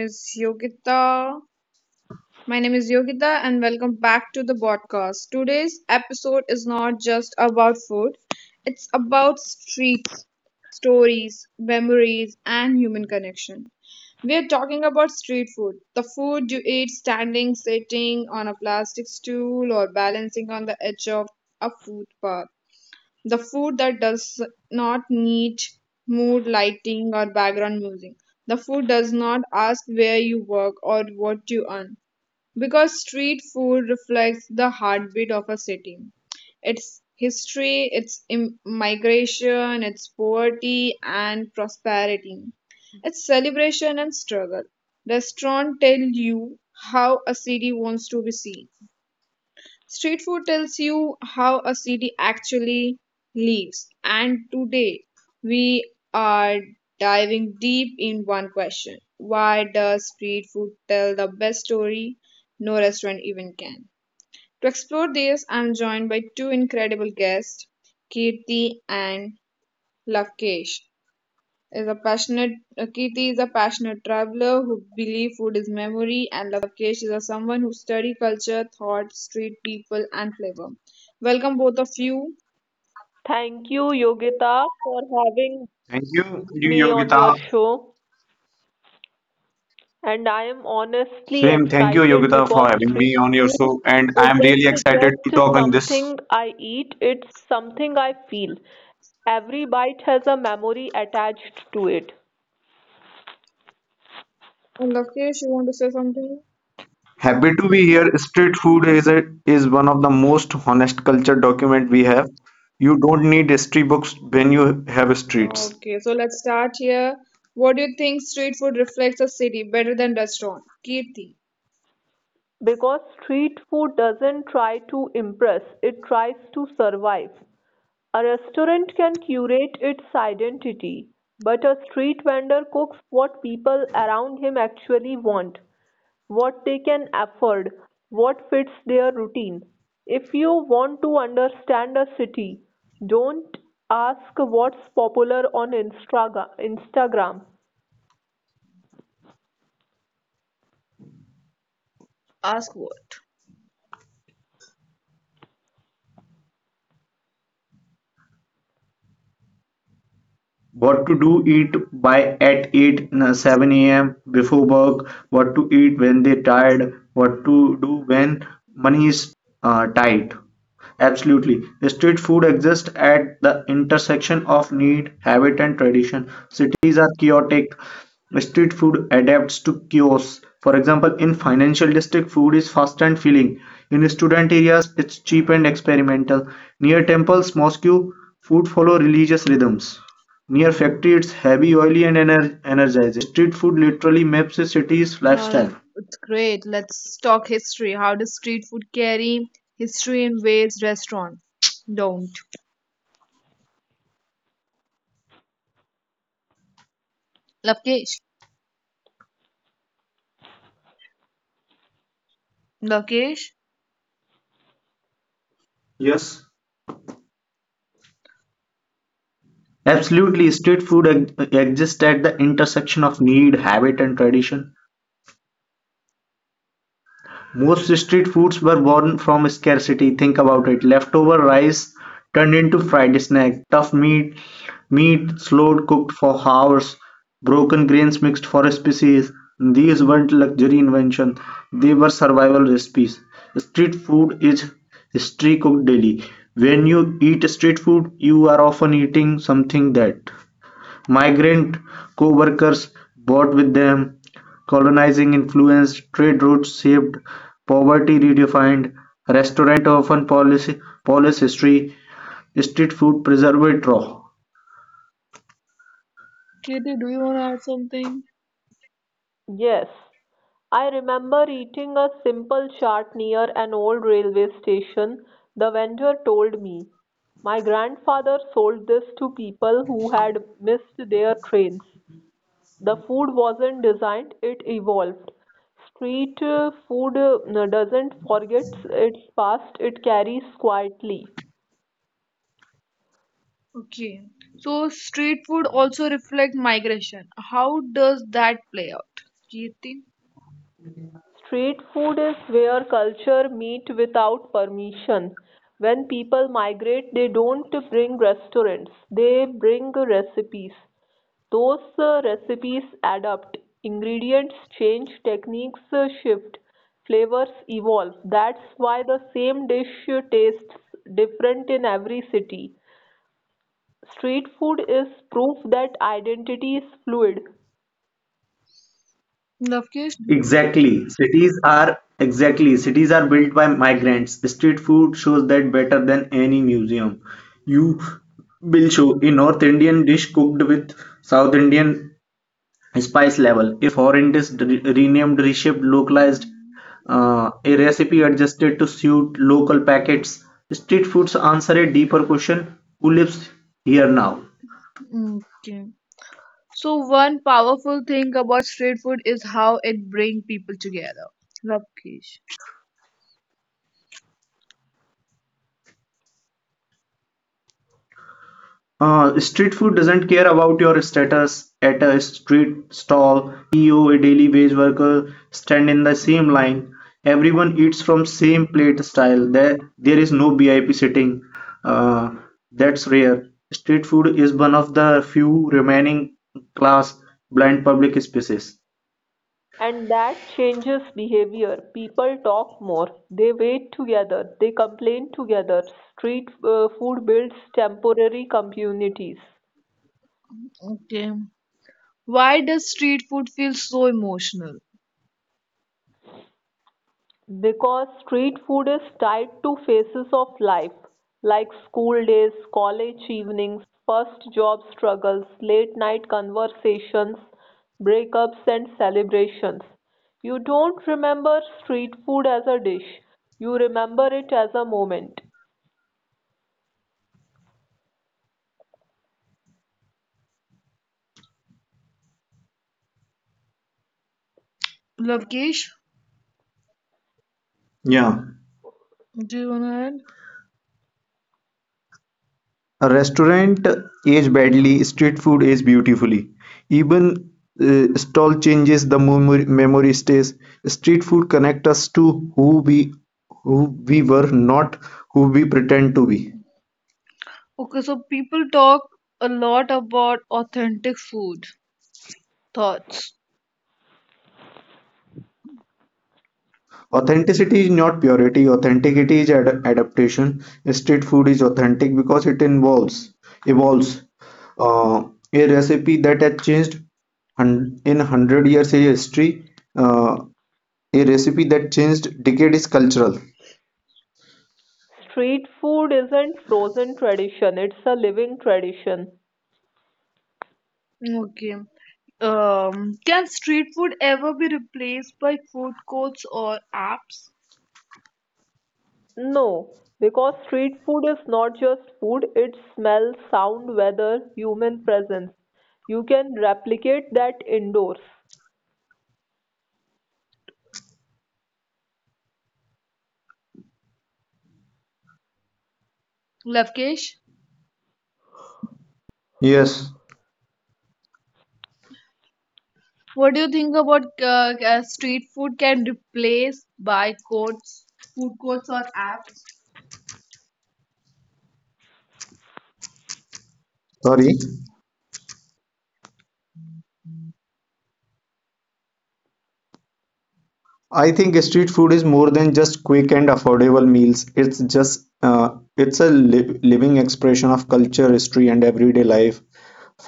is Yogita. My name is Yogita and welcome back to the podcast. Today's episode is not just about food. It's about streets, stories, memories and human connection. We are talking about street food, the food you eat standing, sitting on a plastic stool or balancing on the edge of a footpath, the food that does not need mood lighting or background music. The food does not ask where you work or what you earn, because street food reflects the heartbeat of a city. Its history, its migration, its poverty and prosperity, its celebration and struggle. Restaurants tell you how a city wants to be seen. Street food tells you how a city actually lives. And today we are diving deep in one question. Why does street food tell the best story no restaurant even can? To explore this, I'm joined by two incredible guests, Kirti and Lavkesh is a passionate Kirti is a passionate traveler who believes food is memory, and Lavkesh is a someone who study culture, thought, street people, and flavor. Welcome both of you. Thank you, Yogita, for having Thank you, me on your Yogita. show. And I am honestly Same, thank you, excited Yogita, for because having street me on your food show. And I'm really isn't excited to just talk on this. something I eat, it's something I feel. Every bite has a memory attached to it. And Lavkesh, you want to say something? Happy to be here. Street food is is one of the most honest culture document we have. You don't need history books when you have streets. Okay, so let's start here. What do you think street food reflects a city better than restaurant? Kirti. Because street food doesn't try to impress, it tries to survive. A restaurant can curate its identity, but a street vendor cooks what people around him actually want, what they can afford, what fits their routine. If you want to understand a city, don't ask what's popular on Instagram. What to do, eat by at 7 a.m before work, what to eat when they tired, what to do when money is tight. Absolutely, street food exists at the intersection of need, habit and tradition. Cities are chaotic, street food adapts to kiosks. For example, in financial district food is fast and filling, in student areas it's cheap and experimental, near temples mosque food follow religious rhythms. Near factory it's heavy, oily and energizing. Street food literally maps a city's Uh, lifestyle. it's great. Let's talk history. How does street food carry history in ways restaurant don't? Lavkesh. Lokesh, Yes, absolutely, street food exists at the intersection of need, habit and tradition. Most street foods were born from scarcity, think about it. Leftover rice turned into fried snack, tough meat slow cooked for hours, broken grains mixed for species. These weren't luxury invention; they were survival recipes. Street food is history cooked daily. When you eat street food, you are often eating something that migrant co-workers brought with them, colonizing influence, trade routes shaped, poverty redefined. Restaurant often policy polish history; street food preserved raw. Kirti, do you want to add something? Yes, I remember eating a simple chart near an old railway station. The vendor told me, my grandfather sold this to people who had missed their trains. The food wasn't designed, it evolved. Street food doesn't forget its past, it carries quietly. Okay. So street food also reflect migration. How does that play out? Kirti? Street food is where culture meet without permission. When people migrate, they don't bring restaurants, they bring recipes. Those recipes adapt, ingredients change, techniques shift, flavors evolve. That's why the same dish tastes different in every city. Street food is proof that identity is fluid, Navkesh? Exactly. Cities are built by migrants. Street food shows that better than any museum. You will show a North Indian dish cooked with South Indian spice level. If horrendous renamed, reshaped, localized, Mm, a recipe adjusted to suit local packets. Street foods answer a deeper question: who lives here now? Okay. So one powerful thing about street food is how it brings people together. Navkesh. Street food doesn't care about your status. At a street stall, CEO, a daily wage worker stand in the same line. Mm, Everyone eats from same plate style. There is no BIP sitting. Uh, that's rare. Street food is one of the few remaining class blind public spaces. and that changes behavior. People talk more, they wait together, they complain together. Street food builds temporary communities. Okay. Why does street food feel so emotional? Because street food is tied to phases of life, like school days, college evenings, first job struggles, late night conversations, breakups, and celebrations. You don't remember street food as a dish, you remember it as a moment. Lavkesh, Yeah. do you wanna add? A restaurant age badly, street food ages beautifully. Even stall changes, the memory stays. Street food connect us to who we who we were, not who we pretend to be. Okay, so people talk a lot about authentic food thoughts. Authenticity is not purity. Authenticity is adaptation. Street food is authentic because it involves Mm. evolves. Uh, a recipe that has changed hun- in 100 years is history. Uh, a recipe that changed decade is cultural. Street food isn't frozen tradition, it's a living tradition. Okay. Can street food ever be replaced by food courts or apps? No, because street food is not just food, it's smell, sound, weather, human presence. You can replicate that indoors. Lavkesh, Yes, what do you think about street food can replace by food courts or apps? sorry. I think street food is more than just quick and affordable meals. It's a li living expression of culture, history, and everyday life.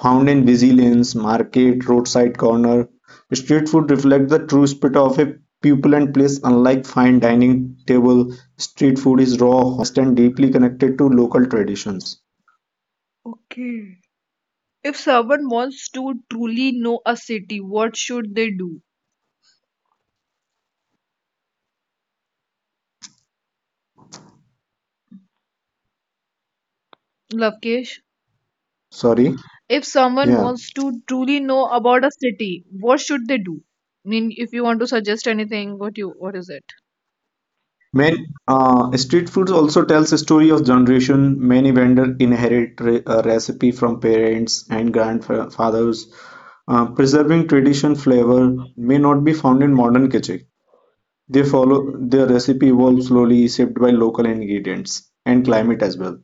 Found in busy lanes, market, roadside corner, street food reflects the true spirit of a people and place. Unlike fine dining table, street food is raw, honest, and deeply connected to local traditions. Okay. If someone wants to truly know a city, what should they do? Lavkesh, Sorry. if someone Yeah. wants to truly know about a city, what should they do? I mean, if you want to suggest anything, what is it? Man, street foods also tells a story of generation. Many vendors inherit re recipes from parents and grandfathers, preserving tradition flavor may not be found in modern kitchen. They follow their recipe evolves slowly, shaped by local ingredients and climate as well.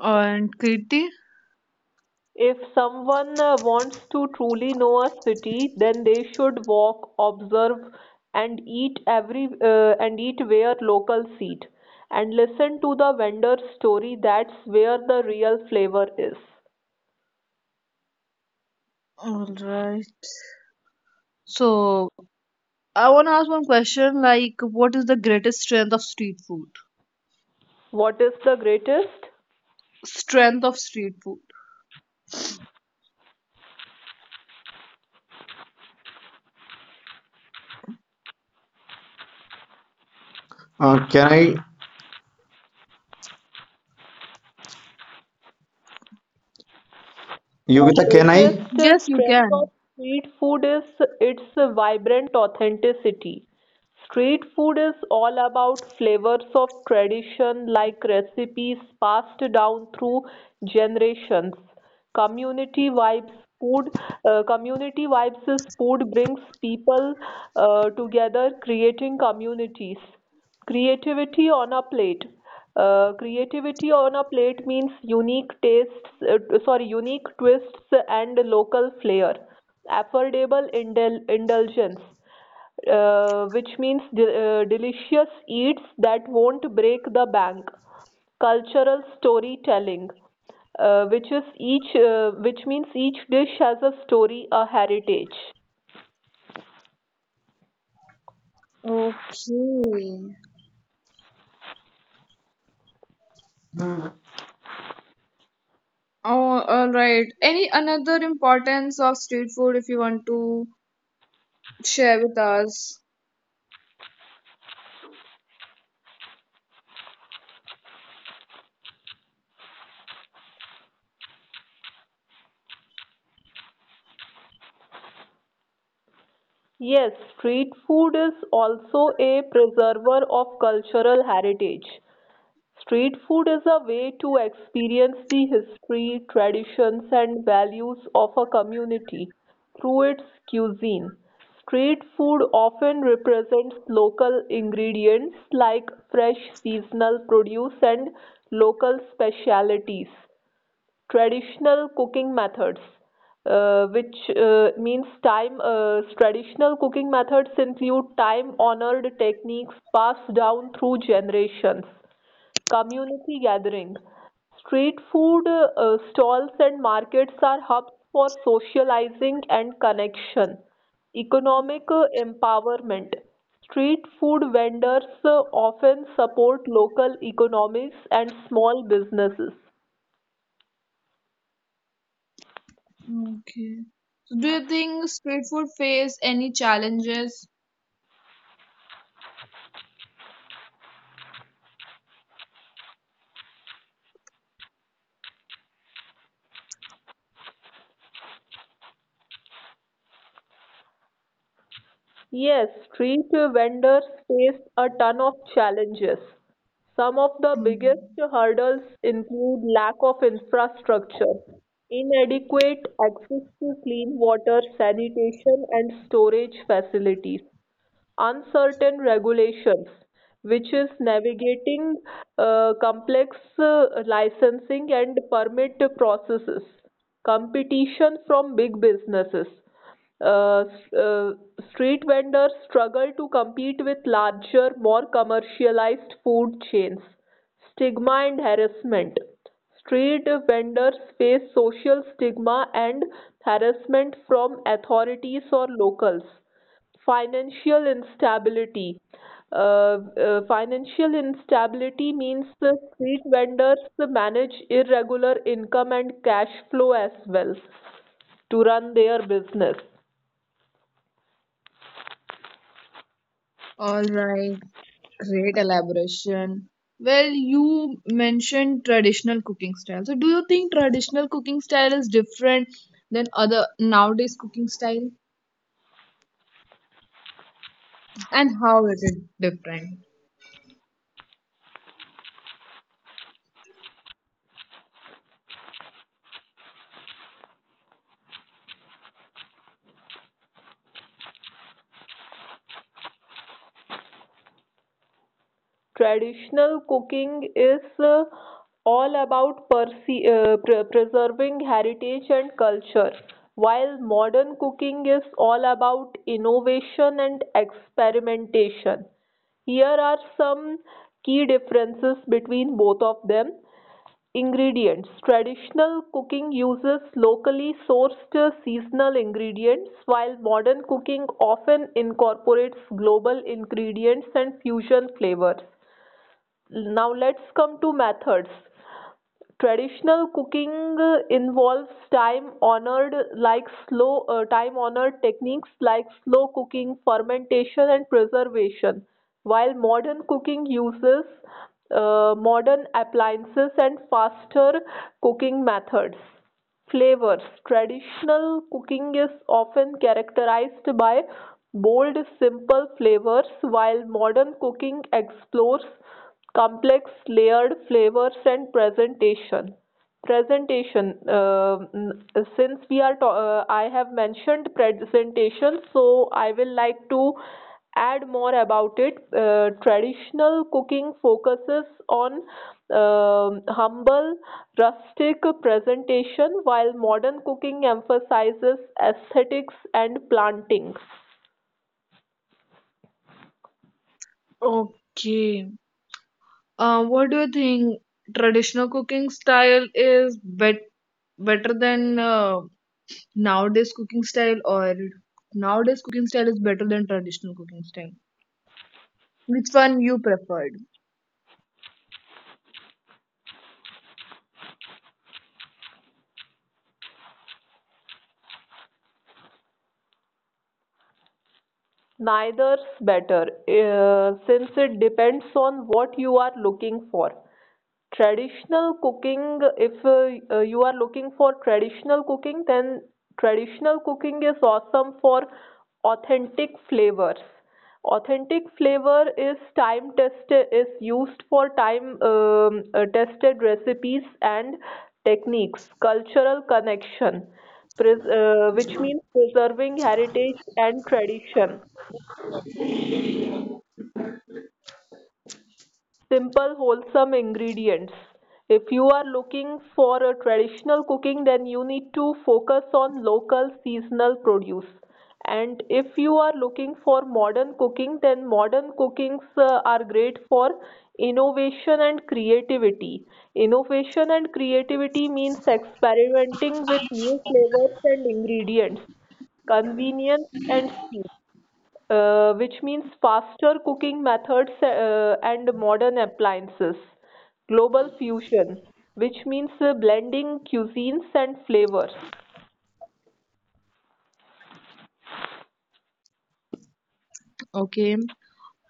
And Kirti. If someone wants to truly know a city, then they should walk, observe, and eat every and eat where locals eat, and listen to the vendor's story. That's where the real flavor is. All right. So I want to ask one question, like, what is the greatest strength of street food? What is the greatest? Strength of street food. Uh, can I, The Yogita, can I? greatest Yes, you strength of can. street food is its vibrant authenticity. Street food is all about flavors of tradition, like recipes passed down through generations. Community vibes food, community vibes is food brings people together, creating communities. Creativity on a plate. Creativity on a plate means unique tastes, unique twists and local flair. Affordable indulgence, which means delicious eats that won't break the bank. Cultural storytelling, which means each dish has a story, a heritage. Okay. Oh, all right. Any another importance of street food if you want to share with us? Yes, street food is also a preserver of cultural heritage. Street food is a way to experience the history, traditions, and values of a community through its cuisine. Street food often represents local ingredients like fresh seasonal produce and local specialities. Traditional cooking methods which means time traditional cooking methods include time honored techniques passed down through generations. Community gathering: street food stalls and markets are hubs for socializing and connection. Economic empowerment: street food vendors often support local economies and small businesses. Okay. So do you think street food face any challenges? Yes, street vendors face a ton of challenges. Some of the biggest Mm. hurdles include lack of infrastructure, inadequate access to clean water, sanitation, and storage facilities, uncertain regulations, which is navigating complex licensing and permit processes, competition from big businesses. Uh, uh, Street vendors struggle to compete with larger, more commercialized food chains. Stigma and harassment. Street vendors face social stigma and harassment from authorities or locals. Financial instability. uh, Financial instability means the street vendors manage irregular income and cash flow as well to run their business. All right. Great elaboration. Well, you mentioned traditional cooking style. So, do you think traditional cooking style is different than other nowadays cooking style? And how is it different? Traditional cooking is all about preserving heritage and culture, while modern cooking is all about innovation and experimentation. Here are some key differences between both of them. Ingredients: traditional cooking uses locally sourced seasonal ingredients, while modern cooking often incorporates global ingredients and fusion flavors. Now let's come to methods. Traditional cooking involves time honored techniques like slow cooking, fermentation, and preservation, while modern cooking uses modern appliances and faster cooking methods. Flavors: traditional cooking is often characterized by bold simple flavors, while modern cooking explores complex layered flavors and presentation. Presentation. Since I have mentioned presentation, so I will like to add more about it. Traditional cooking focuses on humble rustic presentation, while modern cooking emphasizes aesthetics and planting. Okay. What do you think traditional cooking style is better than nowadays cooking style, or nowadays cooking style is better than traditional cooking style? Which one you preferred? Neither's better, since it depends on what you are looking for. Traditional cooking, if you are looking for traditional cooking, then traditional cooking is awesome for authentic flavors. Authentic flavor is time tested, is used for time tested recipes and techniques, cultural connection, which means preserving heritage and tradition, simple wholesome ingredients. If you are looking for a traditional cooking, then you need to focus on local seasonal produce. And if you are looking for modern cooking, then modern cookings are great for innovation and creativity. Innovation and creativity means experimenting with new flavors and ingredients. Convenience and speed, which means faster cooking methods and modern appliances. Global fusion, which means blending cuisines and flavors. Okay.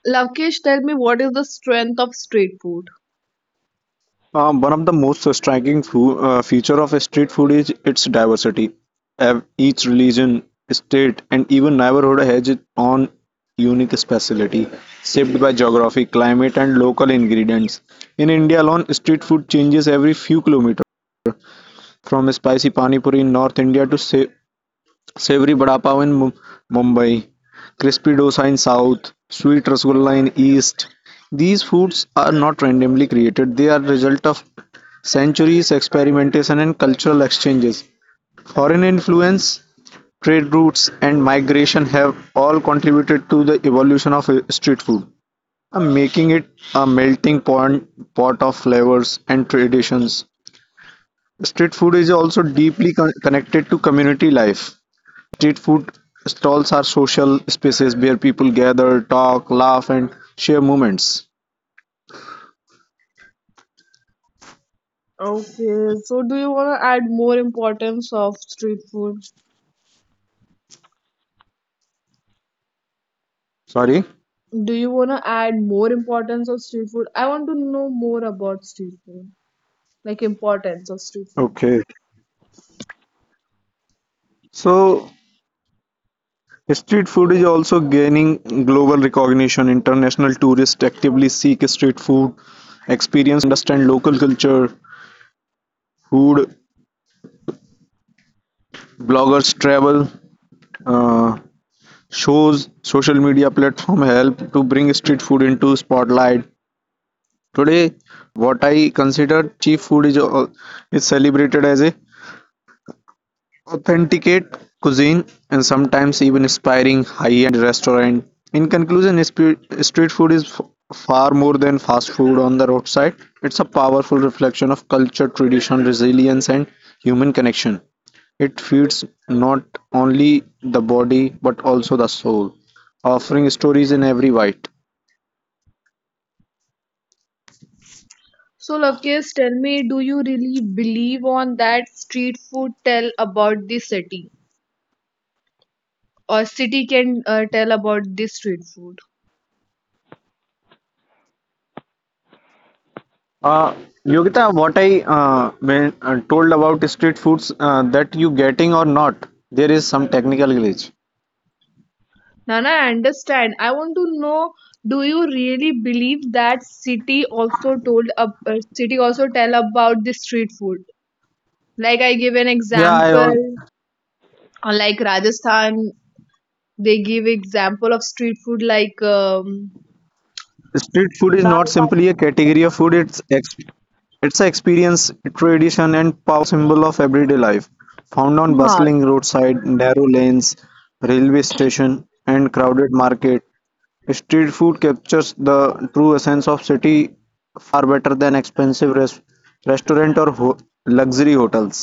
Lavkesh, tell me, what is the strength of street food? One of the most striking foo feature of street food is its diversity. Each religion, state, and even neighborhood has its own unique specialty, shaped by geography, climate, and local ingredients. In India alone, street food changes every few kilometers, from spicy pani puri in North India to sa Savory vada pav in Mumbai, crispy dosa in south, sweet rasgulla in east. These foods are not randomly created, they are result of centuries experimentation and cultural exchanges. Foreign influence, trade routes and migration have all contributed to the evolution of street food, making it a melting pot of flavors and traditions. Street food is also deeply connected to community life. Street food stalls are social spaces where people gather, talk, laugh, and share moments. Okay, so do you want to add more importance of street food? Sorry. Do you want to add more importance of street food? I want to know more about street food, like importance of street food. Okay. So, street food is also gaining global recognition. International tourists actively seek street food experience, understand local culture. Food bloggers travel. Uh, Shows, social media platform help to bring street food into spotlight. Today, what I consider cheap food is celebrated as a authenticate cuisine and sometimes even inspiring high-end restaurant. In conclusion, street food is far more than fast food on the roadside. It's a powerful reflection of culture, tradition, resilience, and human connection. It feeds not only the body but also the soul, offering stories in every bite. So Lavkesh, tell me, do you really believe on that street food tell about the city, or city can tell about the street food? Uh, Yogita, told about street foods, that you getting or not, there is some technical glitch. Nana, I understand. I want to know, do you really believe that city also tell about the street food? Like I give an Yeah, example, like Rajasthan, they give example of street food like street food is not Dal bati. simply a category of food. It's an experience, tradition, and symbol of everyday life, found on huh. bustling roadside, narrow lanes, railway station, and crowded market. Street food captures the true essence of city far better than expensive restaurant or luxury hotels.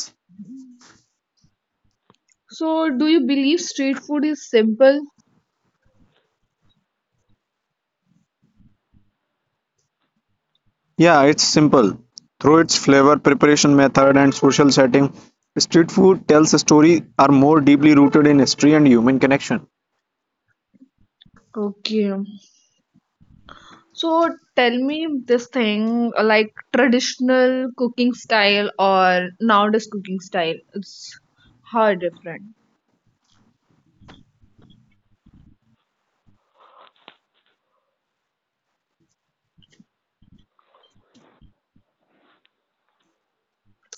So, do you believe street food is simple? Yeah, it's simple. Through its flavor, preparation method, and social setting, street food tells a story are more deeply rooted in history and human connection. Okay. So tell me this thing, like traditional cooking style or nowadays cooking style. It's how different,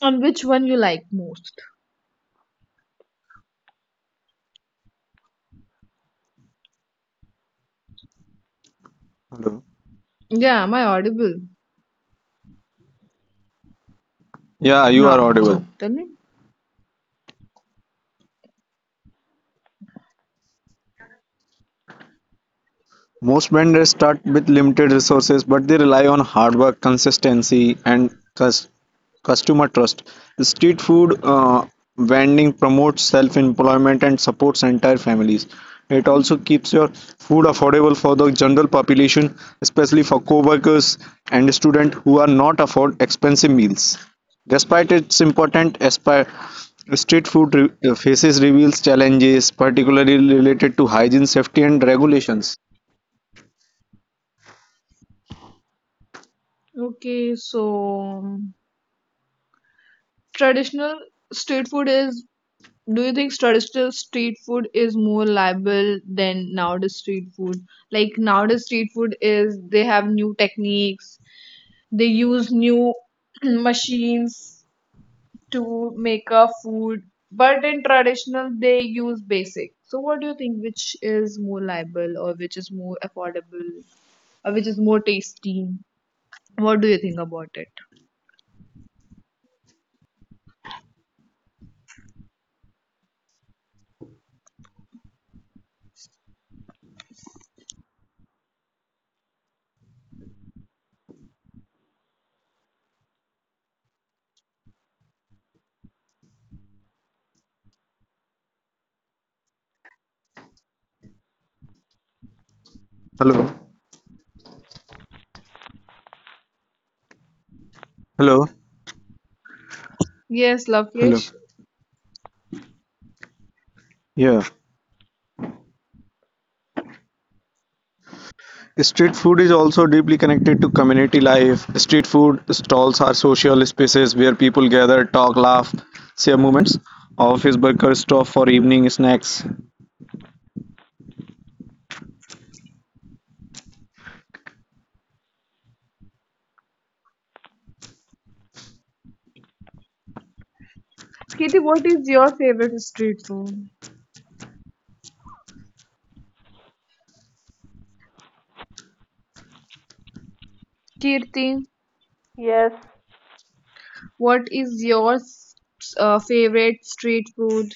on which one you like most. Hello. Yeah, am I audible? Yeah, you are Yeah, audible. so tell me. Most vendors start with limited resources, but they rely on hard work, consistency, and cus- customer trust. Street food vending promotes self-employment and supports entire families. It also Mm, keeps your food affordable for the general population, especially for co-workers and students who are not afford expensive meals. Despite its important aspire, street food faces reveals challenges, particularly related to hygiene, safety, and regulations. okay, so um, traditional street food is. Do you think traditional street food is more liable than nowadays street food? Like nowadays street food is, they have new techniques, they use new machines to make a food, but in traditional they use basic. So what do you think, which is more liable, or which is more affordable? Which is more tasty. What do you think about it? Hello. Hello. Yes, Hello. Lokesh. Yeah. Street food is also deeply connected to community life. Street food stalls are social spaces where people gather, talk, laugh, share moments. Office workers stop for evening snacks. Kirti, what is your favorite street food? Kirti, Yes. what is your favorite street food?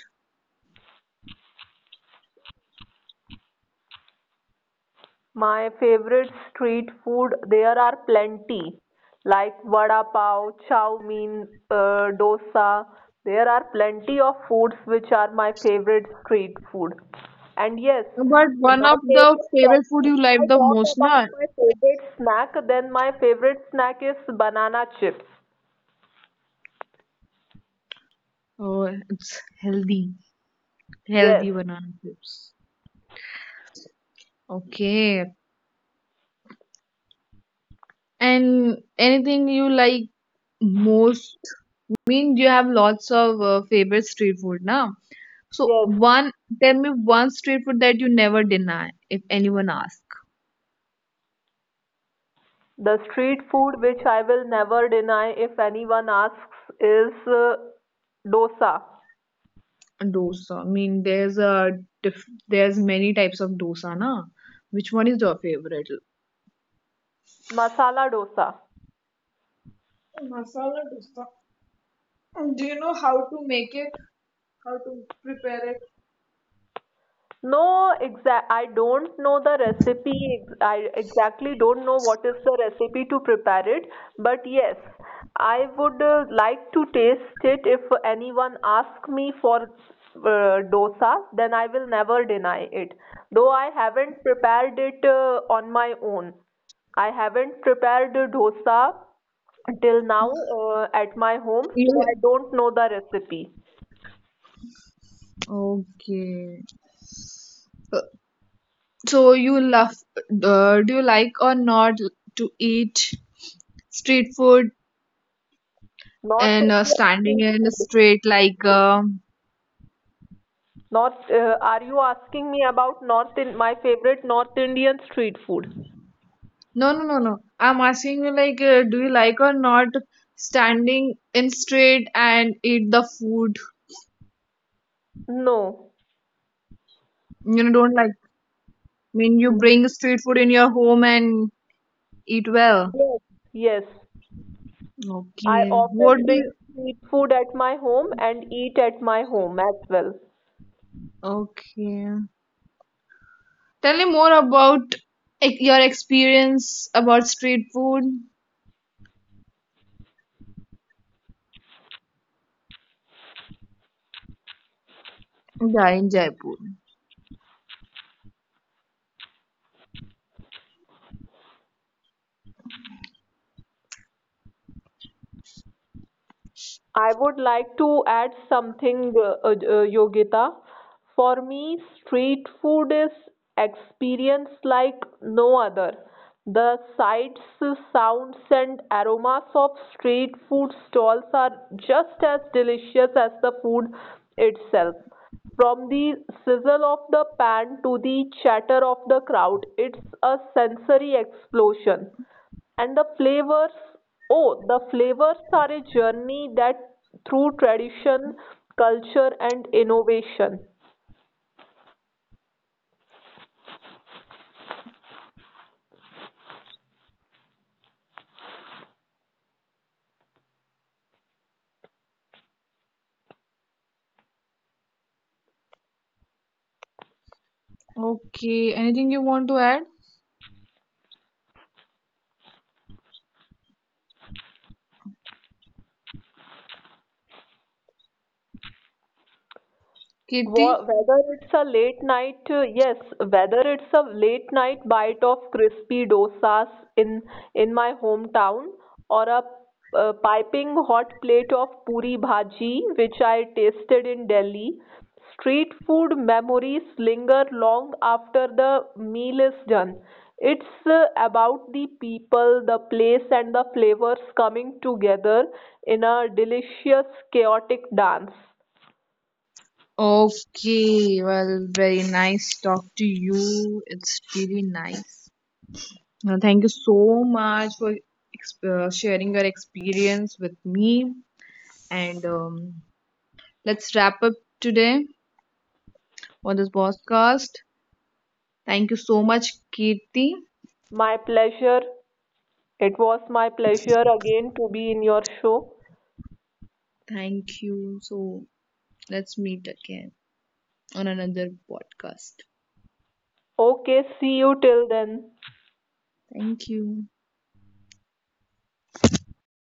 My favorite street food, there are plenty, like vada pav, chow mein, dosa. There are plenty of foods which are my favorite street food. And yes, But one my of the favorite favorite talking, food if you like I the talk most, about na? my favorite snack, then my favorite snack is banana chips. Oh, it's healthy. Yes, Healthy banana chips. Okay. And anything you like most? Mean you have lots of favorite street food, na? So yes. one, tell me one street food that you never deny if anyone asks. The street food which I will never deny if anyone asks is dosa, Dosa. I mean, there's a diff there's many types of dosa, na? Which one is your favorite? masala dosa. Masala dosa. Do you know how to make it? How to prepare it? No, exact. I don't know the recipe. I exactly don't know what is the recipe to prepare it. But yes, I would like to taste it. If anyone asks me for dosa, then I will never deny it. Though I haven't prepared it on my own. I haven't prepared dosa till now at my home, so You- I don't know the recipe. Okay. Uh, So do you like or not to eat street food North and India standing food. in the street, like? Are you asking me about North in my favorite North Indian street food? No, no, no, no. I'm asking you, like, do you like or not standing in street and eat the food? No. You know, don't like. I mean, you No. bring street food in your home and eat well. Yes. Yes. I Okay. What do often bring you? street food at my home and eat at my home as well. Okay. Tell me more about, like, your experience about street food. Yeah, in Jaipur. I would like to add something, Yogita. For me, street food is experience like no other. The sights, sounds, and aromas of street food stalls are just as delicious as the food itself. From the sizzle of the pan to the chatter of the crowd, it's a sensory explosion, and the flavors, oh, the flavors are a journey that through tradition, culture, and innovation. Okay. Anything you want to add, Kirti? Whether it's a late night, yes, whether it's a late night bite of crispy dosas in in my hometown, or a piping hot plate of puri bhaji, which I tasted in Delhi, street food memories linger long after the meal is done. It's about the people, the place, and the flavors coming together in a delicious, chaotic dance. Okay. Well, very nice talk to you. It's really nice. Thank you so much for sharing your experience with me. And let's wrap up today on this podcast. Thank you so much, Kirti. My pleasure. It was my pleasure again to be in your show. Thank you. So let's meet again on another podcast. Okay, see you till then. Thank you.